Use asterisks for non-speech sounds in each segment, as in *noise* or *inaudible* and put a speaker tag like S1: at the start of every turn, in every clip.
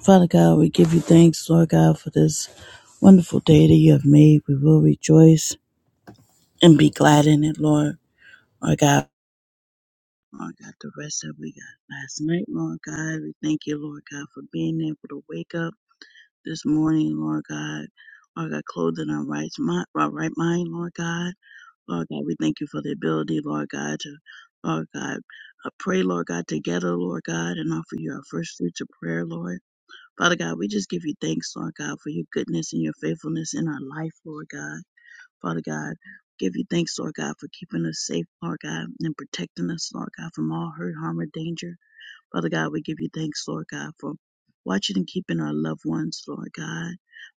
S1: Father God, we give you thanks, Lord God, for this wonderful day that you have made. We will rejoice and be glad in it, Lord. Lord God, Lord God, the rest that we got last night, Lord God, we thank you, Lord God, for being able to wake up this morning, Lord God. Lord God, clothed in our right mind, our right mind, Lord God. Lord God, we thank you for the ability, Lord God, to, Lord God, I pray, Lord God, together, Lord God, and offer you our first fruits of prayer, Lord. Father God, we just give you thanks, Lord God, for your goodness and your faithfulness in our life, Lord God. Father God, give you thanks, Lord God, for keeping us safe, Lord God, and protecting us, Lord God, from all hurt, harm, or danger. Father God, we give you thanks, Lord God, for watching and keeping our loved ones, Lord God.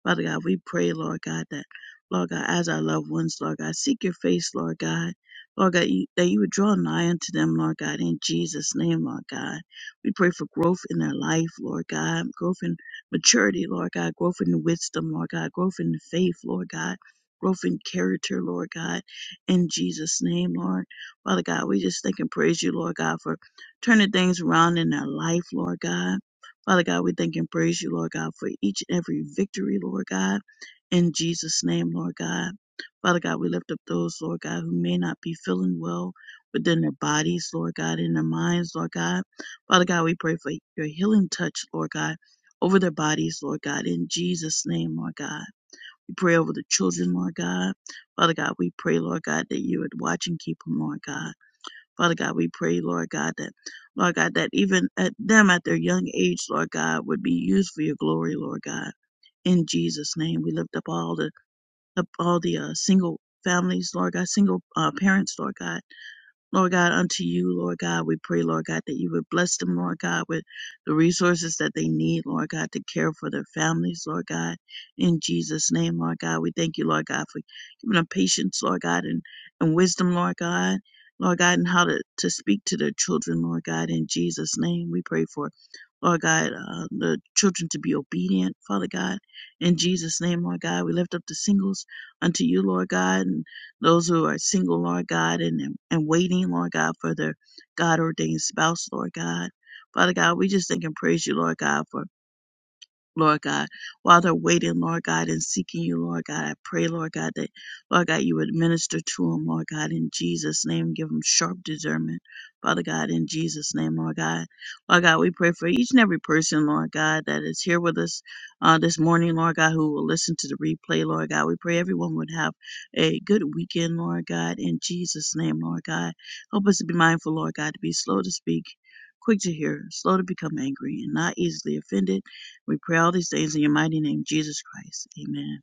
S1: Father God, we pray, Lord God, that, Lord God, as our loved ones, Lord God, seek your face, Lord God. Lord God, you, that you would draw nigh unto them, Lord God, in Jesus' name, Lord God. We pray for growth in their life, Lord God, growth in maturity, Lord God, growth in wisdom, Lord God, growth in faith, Lord God, growth in character, Lord God, in Jesus' name, Lord. Father God, we just thank and praise you, Lord God, for turning things around in their life, Lord God. Father God, we thank and praise you, Lord God, for each and every victory, Lord God, in Jesus' name, Lord God. Father God, we lift up those, Lord God, who may not be feeling well within their bodies, Lord God, in their minds, Lord God. Father God, we pray for your healing touch, Lord God, over their bodies, Lord God, in Jesus' name, Lord God. We pray over the children, Lord God. Father God, we pray, Lord God, that you would watch and keep them, Lord God. Father God, we pray, Lord God, that, Lord God, that even at them at their young age, Lord God, would be used for your glory, Lord God. In Jesus' name, we lift up all the up all the uh, single families, Lord God, single uh, parents, Lord God Lord God, unto you, Lord God, we pray, Lord God, that you would bless them, Lord God, with the resources that they need, Lord God, to care for their families, Lord God. In Jesus' name, Lord God, we thank you, Lord God, for giving them patience, Lord God, and, and wisdom, Lord God, Lord God, and how to, to speak to their children, Lord God. In Jesus' name, we pray for, Lord God, uh, the children to be obedient, Father God. In Jesus' name, Lord God, we lift up the singles unto you, Lord God. and those who are single, Lord God, and, and waiting, Lord God, for their God ordained spouse, Lord God. Father God, we just thank and praise you, Lord God, for Lord God, while they're waiting, Lord God, and seeking you, Lord God, I pray, Lord God, that, Lord God, you would minister to them, Lord God, in Jesus' name. Give them sharp discernment, Father God, in Jesus' name, Lord God. Lord God, we pray for each and every person, Lord God, that is here with us uh, this morning, Lord God, who will listen to the replay, Lord God. We pray everyone would have a good weekend, Lord God, in Jesus' name, Lord God. Help us to be mindful, Lord God, to be slow to speak, quick to hear, slow to become angry, and not easily offended we pray all these things in your mighty name, Jesus Christ. Amen.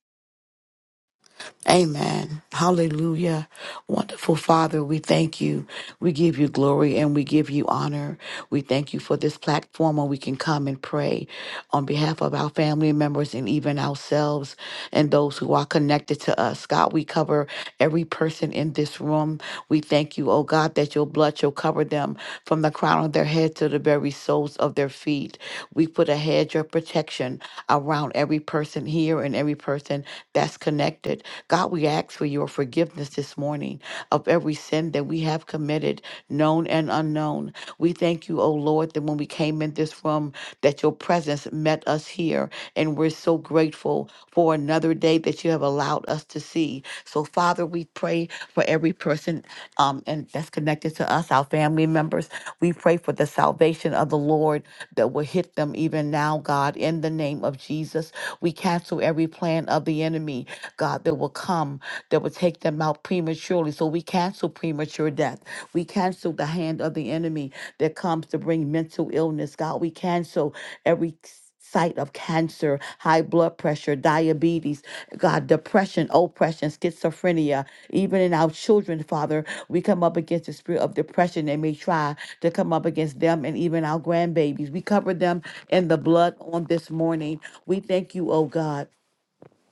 S2: Amen. Hallelujah. Wonderful Father, we thank you. We give you glory and we give you honor. We thank you for this platform where we can come and pray on behalf of our family members and even ourselves and those who are connected to us. God, we cover every person in this room. We thank you, oh God, that your blood shall cover them from the crown of their head to the very soles of their feet. We put a hedge of protection around every person here and every person that's connected. God, we ask for your forgiveness this morning of every sin that we have committed, known and unknown. We thank you, O Lord, that when we came in this room, that your presence met us here. And we're so grateful for another day that you have allowed us to see be. So, Father, we pray for every person um, and that's connected to us, our family members. We pray for the salvation of the Lord that will hit them even now, God, in the name of Jesus. We cancel every plan of the enemy, God, that will come, that will take them out prematurely. So we cancel premature death. We cancel the hand of the enemy that comes to bring mental illness, God. We cancel every sight of cancer, high blood pressure, diabetes, God, depression, oppression, schizophrenia. Even in our children, Father, we come up against the spirit of depression that may try to come up against them and even our grandbabies. We cover them in the blood on this morning. We thank you, oh God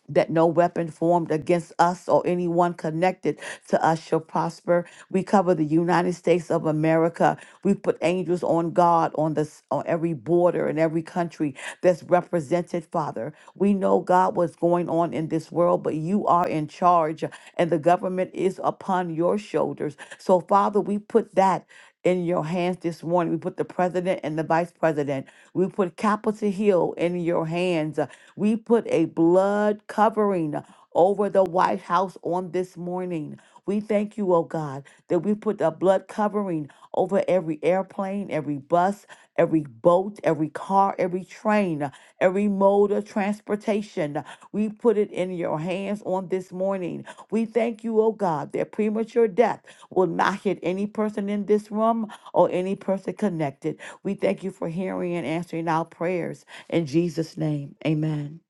S2: that no weapon formed against us or anyone connected to us shall prosper. We cover the United States of America. We put angels on God on this on every border and every country that's represented, Father. We know God what's going on in this world, but you are in charge and the government is upon your shoulders. So Father, we put that in your hands this morning. We put the president and the vice president. We put Capitol Hill in your hands. Uh, We put a blood covering over the White House on this morning. We thank you, oh God, that we put a blood covering over every airplane, every bus, every boat, every car, every train, uh, every mode of transportation. We put it in your hands on this morning. We thank you, oh God, that premature death will not hit any person in this room or any person connected. We thank you for hearing and answering our prayers. In Jesus' name, amen.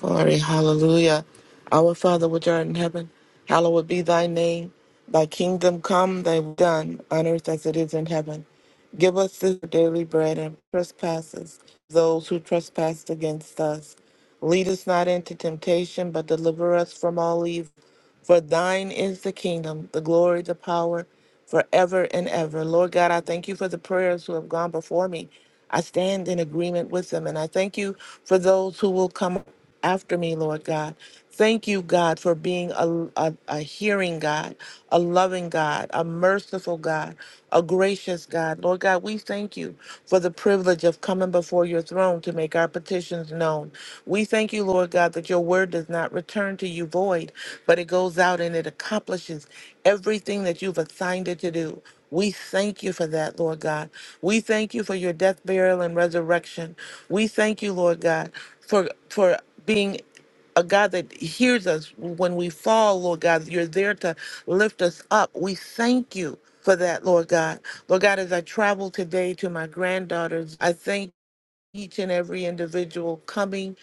S3: Glory, hallelujah. Our Father which art in heaven, hallowed be thy name. Thy kingdom come, thy will be done, on earth as it is in heaven. Give us this daily bread and trespasses, those who trespass against us. Lead us not into temptation, but deliver us from all evil. For thine is the kingdom, the glory, the power, forever and ever. Lord God, I thank you for the prayers who have gone before me. I stand in agreement with them, and I thank you for those who will come after me, Lord God. Thank you, God, for being a, a, a hearing God, a loving God, a merciful God, a gracious God. Lord God, we thank you for the privilege of coming before your throne to make our petitions known. We thank you, you, Lord God, that your word does not return to you void, but it goes out and it accomplishes everything that you've assigned it to do. We thank you for that, Lord God. We thank you for your death, burial, and resurrection. We thank you, Lord God, for for being a God that hears us when we fall, Lord God. You're there to lift us up. We thank you for that, Lord God. Lord God, as I travel today to my granddaughter's, I thank each and every individual coming,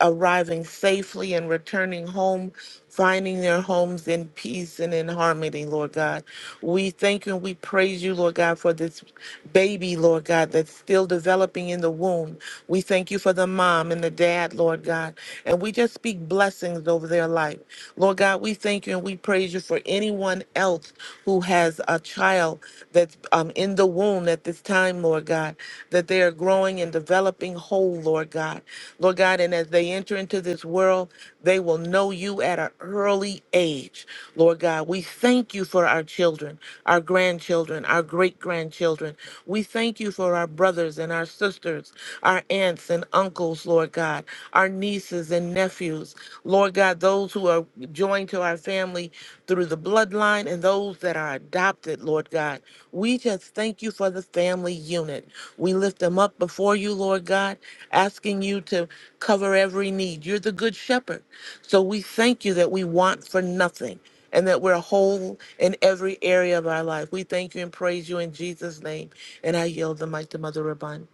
S3: arriving safely, and returning home, finding their homes in peace and in harmony, Lord God. We thank you and we praise you, Lord God, for this baby, Lord God, that's still developing in the womb. We thank you for the mom and the dad, Lord God. And we just speak blessings over their life. Lord God, we thank you and we praise you for anyone else who has a a child that's um, in the womb at this time, Lord God, that they are growing and developing whole, Lord God. Lord God, and as they enter into this world, they will know you at an early age, Lord God. We thank you for our children, our grandchildren, our great grandchildren. We thank you for our brothers and our sisters, our aunts and uncles, Lord God, our nieces and nephews. Lord God, those who are joined to our family through the bloodline and those that are adopted, Lord God. We just thank you for the family unit. We lift them up before you, Lord God, asking you to cover every need. You're the good shepherd. So we thank you that we want for nothing and that we're whole in every area of our life. We thank you and praise you in Jesus' name. And I yield the mic to Mother Rabun.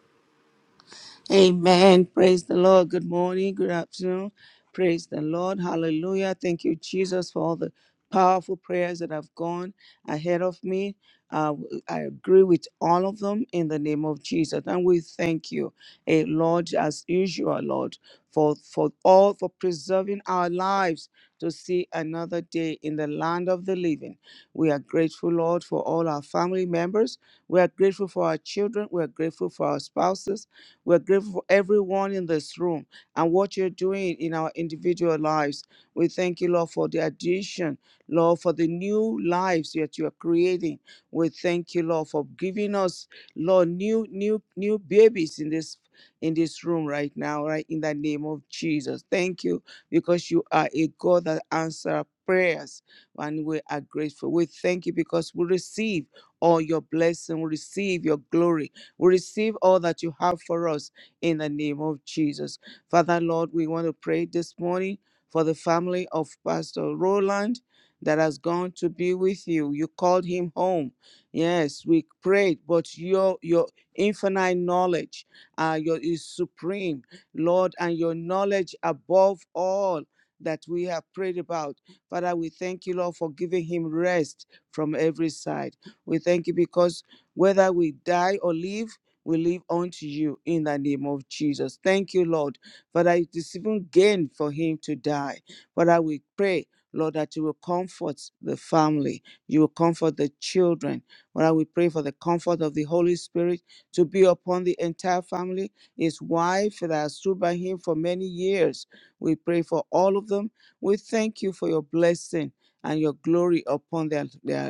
S4: Amen. Praise the Lord. Good morning. Good afternoon. Praise the Lord. Hallelujah. Thank you, Jesus, for all the powerful prayers that have gone ahead of me. Uh, I agree with all of them in the name of Jesus. And we thank you, eh, Lord, as usual, Lord, for, for all, for preserving our lives to see another day in the land of the living. We are grateful, Lord, for all our family members. We are grateful for our children. We are grateful for our spouses. We're grateful for everyone in this room and what you're doing in our individual lives. We thank you, Lord, for the addition, Lord, for the new lives that you are creating. We thank you, Lord, for giving us, Lord, new, new, new babies in this in this room right now, right in the name of Jesus. Thank you because you are a God that answers prayers and we are grateful. We thank you because we receive all your blessing, we receive your glory we receive all that you have for us in the name of Jesus. Father, Lord, we want to pray this morning for the family of Pastor Roland that has gone to be with you. You called him home. Yes, we prayed, but your your infinite knowledge uh, your is supreme, Lord, and your knowledge above all that we have prayed about. Father, we thank you, Lord, for giving him rest from every side. We thank you because whether we die or live, we live unto you in the name of Jesus. Thank you, Lord. Father, it is even gain for him to die. Father, we pray, Lord, that you will comfort the family, you will comfort the children. Father, we pray for the comfort of the Holy Spirit to be upon the entire family, his wife that has stood by him for many years. We pray for all of them. We thank you for your blessing and your glory upon their, lives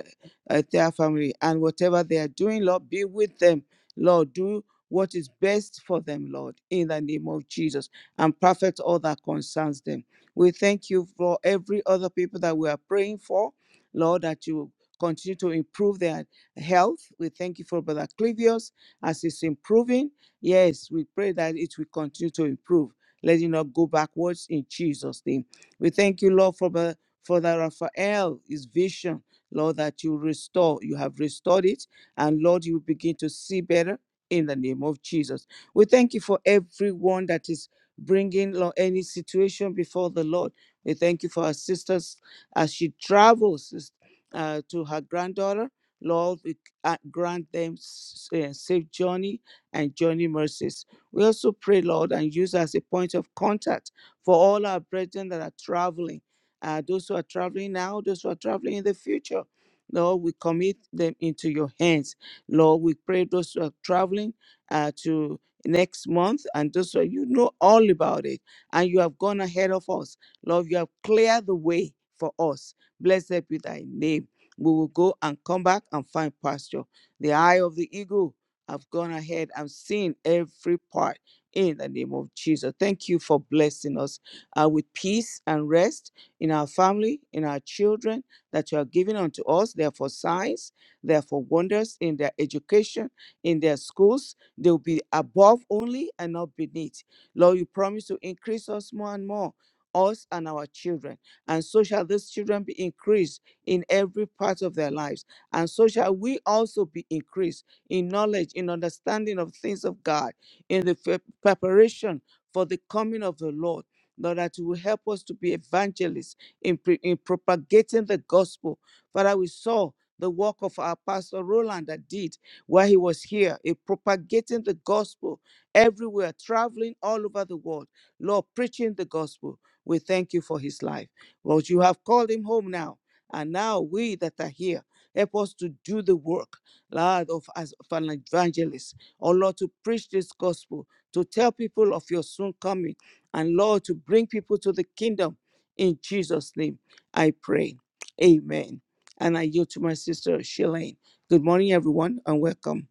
S4: uh, their family and whatever they are doing, Lord, be with them. Lord, do what is best for them, Lord, in the name of Jesus, and perfect all that concerns them. We thank you for every other people that we are praying for, Lord, that you continue to improve their health. We thank you for Brother Clivius as it's improving. Yes, we pray that it will continue to improve. Let it not go backwards in Jesus' name. We thank you, Lord, for Brother, for Brother Raphael, his vision. Lord, that you restore. You have restored it. And Lord, you begin to see better in the name of Jesus. We thank you for everyone that is bringing Lord, any situation before the Lord. We thank you for our sisters as she travels sis- uh, to her granddaughter. Lord, we uh, grant them s- uh, safe journey and journey mercies. We also pray, Lord, and use her as a point of contact for all our brethren that are traveling uh, those who are traveling now, those who are traveling in the future. Lord, we commit them into your hands. Lord, we pray those who are traveling uh, to next month and those who are, you know all about it and you have gone ahead of us. Lord, you have cleared the way for us. Blessed be thy name. We will go and come back and find pasture. The eye of the eagle have gone ahead and seen every part in the name of Jesus. Thank you for blessing us uh, with peace and rest in our family, in our children that you have given unto us. They are for signs, they are for wonders in their education, in their schools. They will be above only and not beneath. Lord, you promise to increase us more and more. Us and our children, and so shall these children be increased in every part of their lives, and so shall we also be increased in knowledge, in understanding of things of God, in the fe- preparation for the coming of the Lord. Lord, that you will help us to be evangelists in, pre- in propagating the gospel. Father, we saw the work of our pastor Roland that did while he was here in propagating the gospel everywhere, traveling all over the world. Lord, preaching the gospel. We thank you for his life. Lord, you have called him home now. And now we that are here, help us to do the work, Lord, of as of an evangelist. Oh Lord, to preach this gospel, to tell people of your soon coming and Lord, to bring people to the kingdom. In Jesus' name, I pray. Amen. And I yield to my sister, Shalane. Good morning, everyone, and welcome.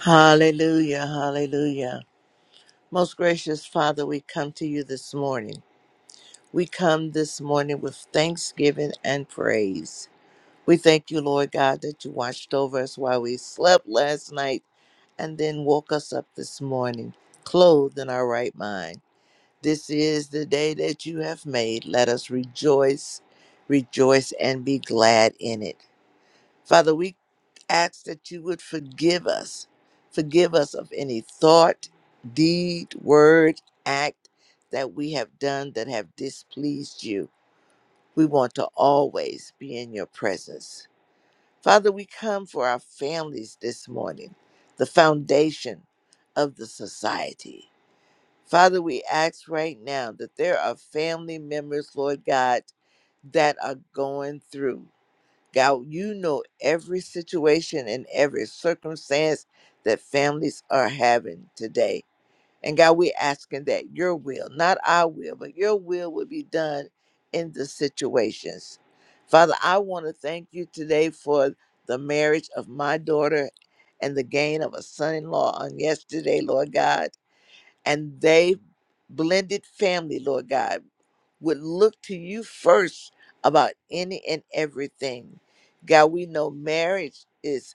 S5: Hallelujah, hallelujah. Most gracious Father, we come to you this morning. We come this morning with thanksgiving and praise. We thank you, Lord God, that you watched over us while we slept last night and then woke us up this morning, clothed in our right mind. This is the day that you have made. Let us rejoice, rejoice, and be glad in it. Father, we ask that you would forgive us. Forgive us of any thought, deed, word, act that we have done that have displeased you. We want to always be in your presence. Father, we come for our families this morning, the foundation of the society. Father, we ask right now that there are family members, Lord God, that are going through. God, you know every situation and every circumstance that families are having today. And God, we're asking that your will, not our will, but your will would be done in the situations. Father, I want to thank you today for the marriage of my daughter and the gain of a son in law on yesterday, Lord God. And they blended family, Lord God would look to you first about any and everything. God, we know marriage is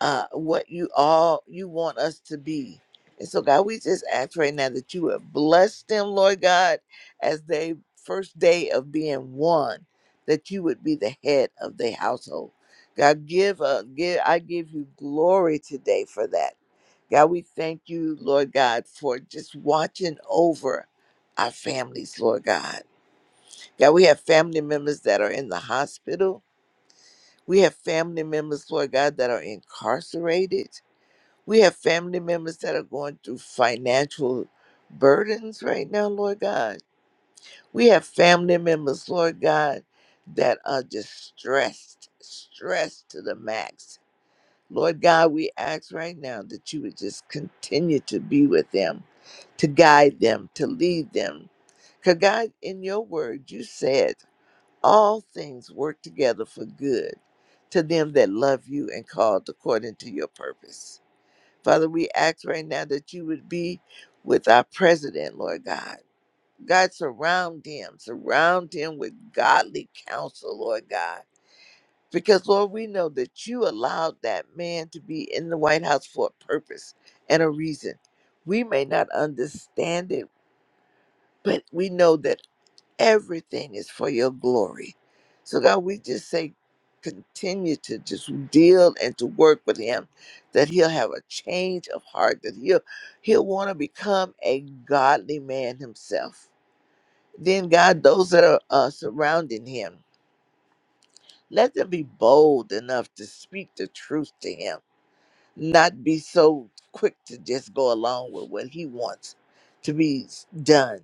S5: uh, what you all you want us to be. And so, God, we just ask right now that you would bless them, Lord God, as they first day of being one, that you would be the head of their household. God, give uh, give I give you glory today for that. God, we thank you, Lord God, for just watching over our families, Lord God. God, we have family members that are in the hospital. We have family members, Lord God, that are incarcerated. We have family members that are going through financial burdens right now, Lord God. We have family members, Lord God, that are just stressed, stressed to the max. Lord God, we ask right now that you would just continue to be with them, to guide them, to lead them. Because, God, in your word, you said, all things work together for good to them that love you and called according to your purpose. Father, we ask right now that you would be with our president, Lord God. God, surround him, surround him with godly counsel, Lord God. Because, Lord, we know that you allowed that man to be in the White House for a purpose and a reason. We may not understand it, but we know that. Everything is for your glory. So, God, we just say, continue to just deal and to work with him, that he'll have a change of heart, that he'll, he'll want to become a godly man himself. Then, God, those that are uh, surrounding him, let them be bold enough to speak the truth to him, not be so quick to just go along with what he wants to be done.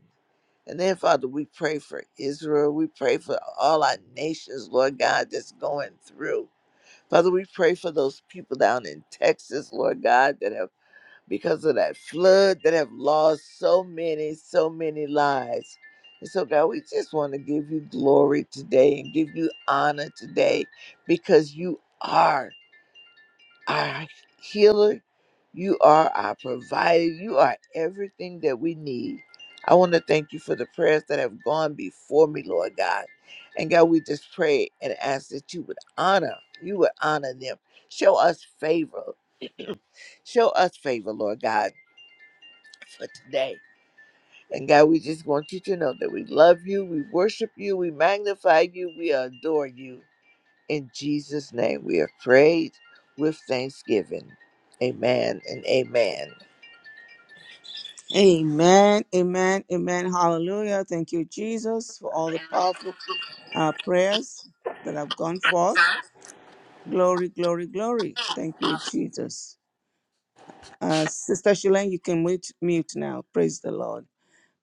S5: And then, Father, we pray for Israel. We pray for all our nations, Lord God, that's going through. Father, we pray for those people down in Texas, Lord God, that have, because of that flood, that have lost so many, so many lives. And so, God, we just want to give you glory today and give you honor today because you are our healer. You are our provider. You are everything that we need. I want to thank you for the prayers that have gone before me, Lord God. And God, we just pray and ask that you would honor, you would honor them. Show us favor. Show us favor, Lord God, for today. And God, we just want you to know that we love you, we worship you, we magnify you, we adore you. In Jesus' name we have prayed with thanksgiving. Amen and amen.
S4: Amen, amen, amen. Hallelujah. Thank you, Jesus, for all the powerful uh, prayers that have gone forth. Glory, glory, glory. Thank you, Jesus. Uh, Sister Shilane, you can mute, mute now. Praise the Lord.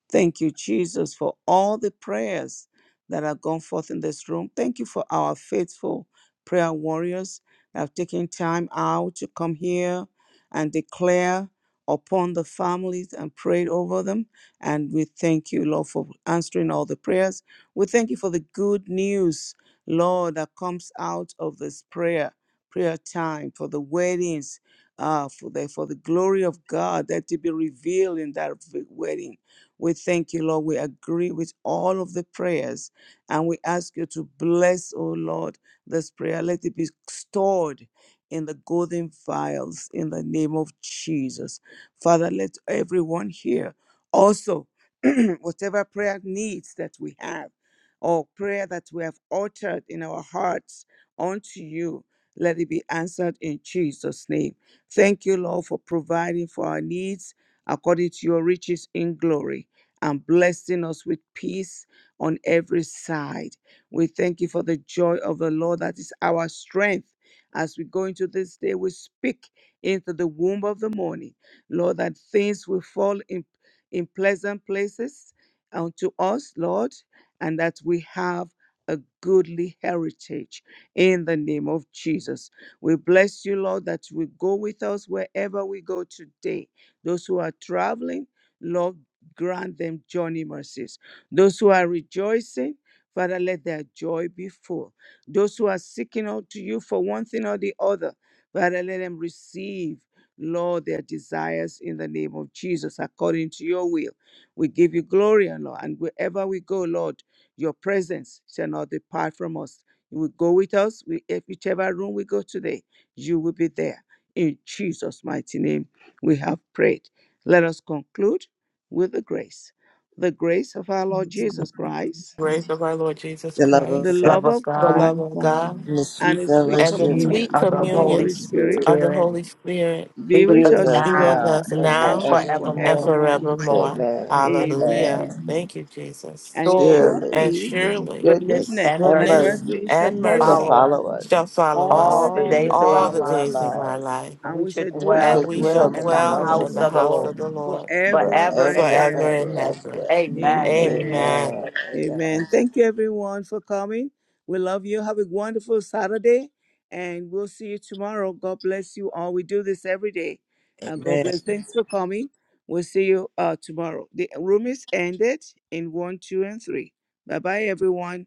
S4: Thank you, Jesus, for all the prayers that have gone forth in this room. Thank you for our faithful prayer warriors that have taken time out to come here and declare upon the families and prayed over them. And we thank you, Lord, for answering all the prayers. We thank you for the good news, Lord, that comes out of this prayer, prayer time, for the weddings, uh, for the for the glory of God that to be revealed in that v- wedding. We thank you, Lord. We agree with all of the prayers and we ask you to bless, oh Lord, this prayer. Let it be stored in the golden vials in the name of Jesus. Father, let everyone here also, *clears throat* whatever prayer needs that we have or prayer that we have uttered in our hearts unto you, let it be answered in Jesus' name. Thank you, Lord, for providing for our needs according to your riches in glory and blessing us with peace on every side. We thank you for the joy of the Lord that is our strength. As we go into this day, we speak into the womb of the morning, Lord, that things will fall in, in pleasant places unto us, Lord, and that we have a goodly heritage in the name of Jesus. We bless you, Lord, that you will go with us wherever we go today. Those who are traveling, Lord, grant them journey mercies. Those who are rejoicing, Father, let their joy be full. Those who are seeking out to you for one thing or the other, Father, let them receive, Lord, their desires in the name of Jesus, according to your will. We give you glory and Lord, and wherever we go, Lord, your presence shall not depart from us. You will go with us. We, if whichever room we go today, you will be there. In Jesus' mighty name, we have prayed. Let us conclude with the grace, the grace of our Lord Jesus Christ,
S3: Grace of our Lord Jesus
S5: The love
S4: the
S5: of
S3: Christ,
S5: God
S2: Love
S4: love
S2: of
S4: of
S3: the
S2: God,
S4: God,
S3: love of God
S5: and the sweet
S4: and the
S2: the
S4: sweet
S3: and the
S5: fellowship of
S2: communion
S3: sweet
S4: communion
S2: of the
S5: the
S4: of the
S2: Holy
S5: Holy
S4: Holy
S3: communion
S4: Spirit
S5: Spirit
S3: of the
S2: Spirit,
S3: Holy Spirit
S2: be
S4: be
S2: with
S5: be
S4: with
S2: us
S5: with
S4: us
S5: us
S3: be with
S2: now
S4: now
S5: now
S3: us
S5: and
S2: and
S3: now
S4: and
S3: and
S5: forevermore.
S2: forevermore.
S4: forevermore.
S3: forevermore.
S5: Amen.
S2: Amen.
S5: Amen.
S3: Hallelujah.
S4: Amen.
S3: Thank you, Jesus.
S4: And
S2: Surely,
S5: Surely
S1: Oh,
S3: And
S4: surely
S3: surely
S2: goodness
S5: goodness
S4: goodness
S2: and
S5: and
S4: and
S2: mercy
S3: goodness
S5: mercy
S4: mercy shall
S3: and
S5: shall
S4: follow
S3: mercy
S2: follow
S4: us
S2: us
S5: follow us
S3: shall follow
S4: all the
S2: all
S3: us
S2: the
S5: all
S4: days
S5: the
S4: of
S2: days of
S4: our
S3: all
S2: our
S5: days
S3: the
S5: of our
S3: days
S4: lives,
S3: of
S2: lives,
S3: our
S5: lives,
S3: life,
S2: and
S4: and
S2: we
S4: we
S2: should
S4: shall
S5: and we
S4: dwell
S5: shall
S3: and
S2: dwell
S4: in
S3: we
S4: the
S3: shall
S5: dwell
S4: house
S5: in
S2: in
S4: of
S2: the
S5: the
S4: the
S3: dwell
S5: house
S4: Lord
S5: of
S3: in
S2: house
S5: the
S3: the
S2: of the
S3: house
S5: Lord
S2: Lord
S3: of the Lord
S4: forever
S2: forever
S4: and
S2: and
S5: forever
S3: forever
S2: ever.
S5: and
S3: and
S4: ever.
S3: ever.
S5: ever.
S2: Amen.
S4: Amen.
S3: Amen.
S5: Amen. Amen.
S4: Amen. Thank you, everyone, for coming. We love you. Have a wonderful Saturday, and we'll see you tomorrow. God bless you all. We do this every day. And God
S5: Amen.
S4: bless. Thanks for coming. We'll see you uh, tomorrow. The room is ended in one, two, and three. Bye bye, everyone.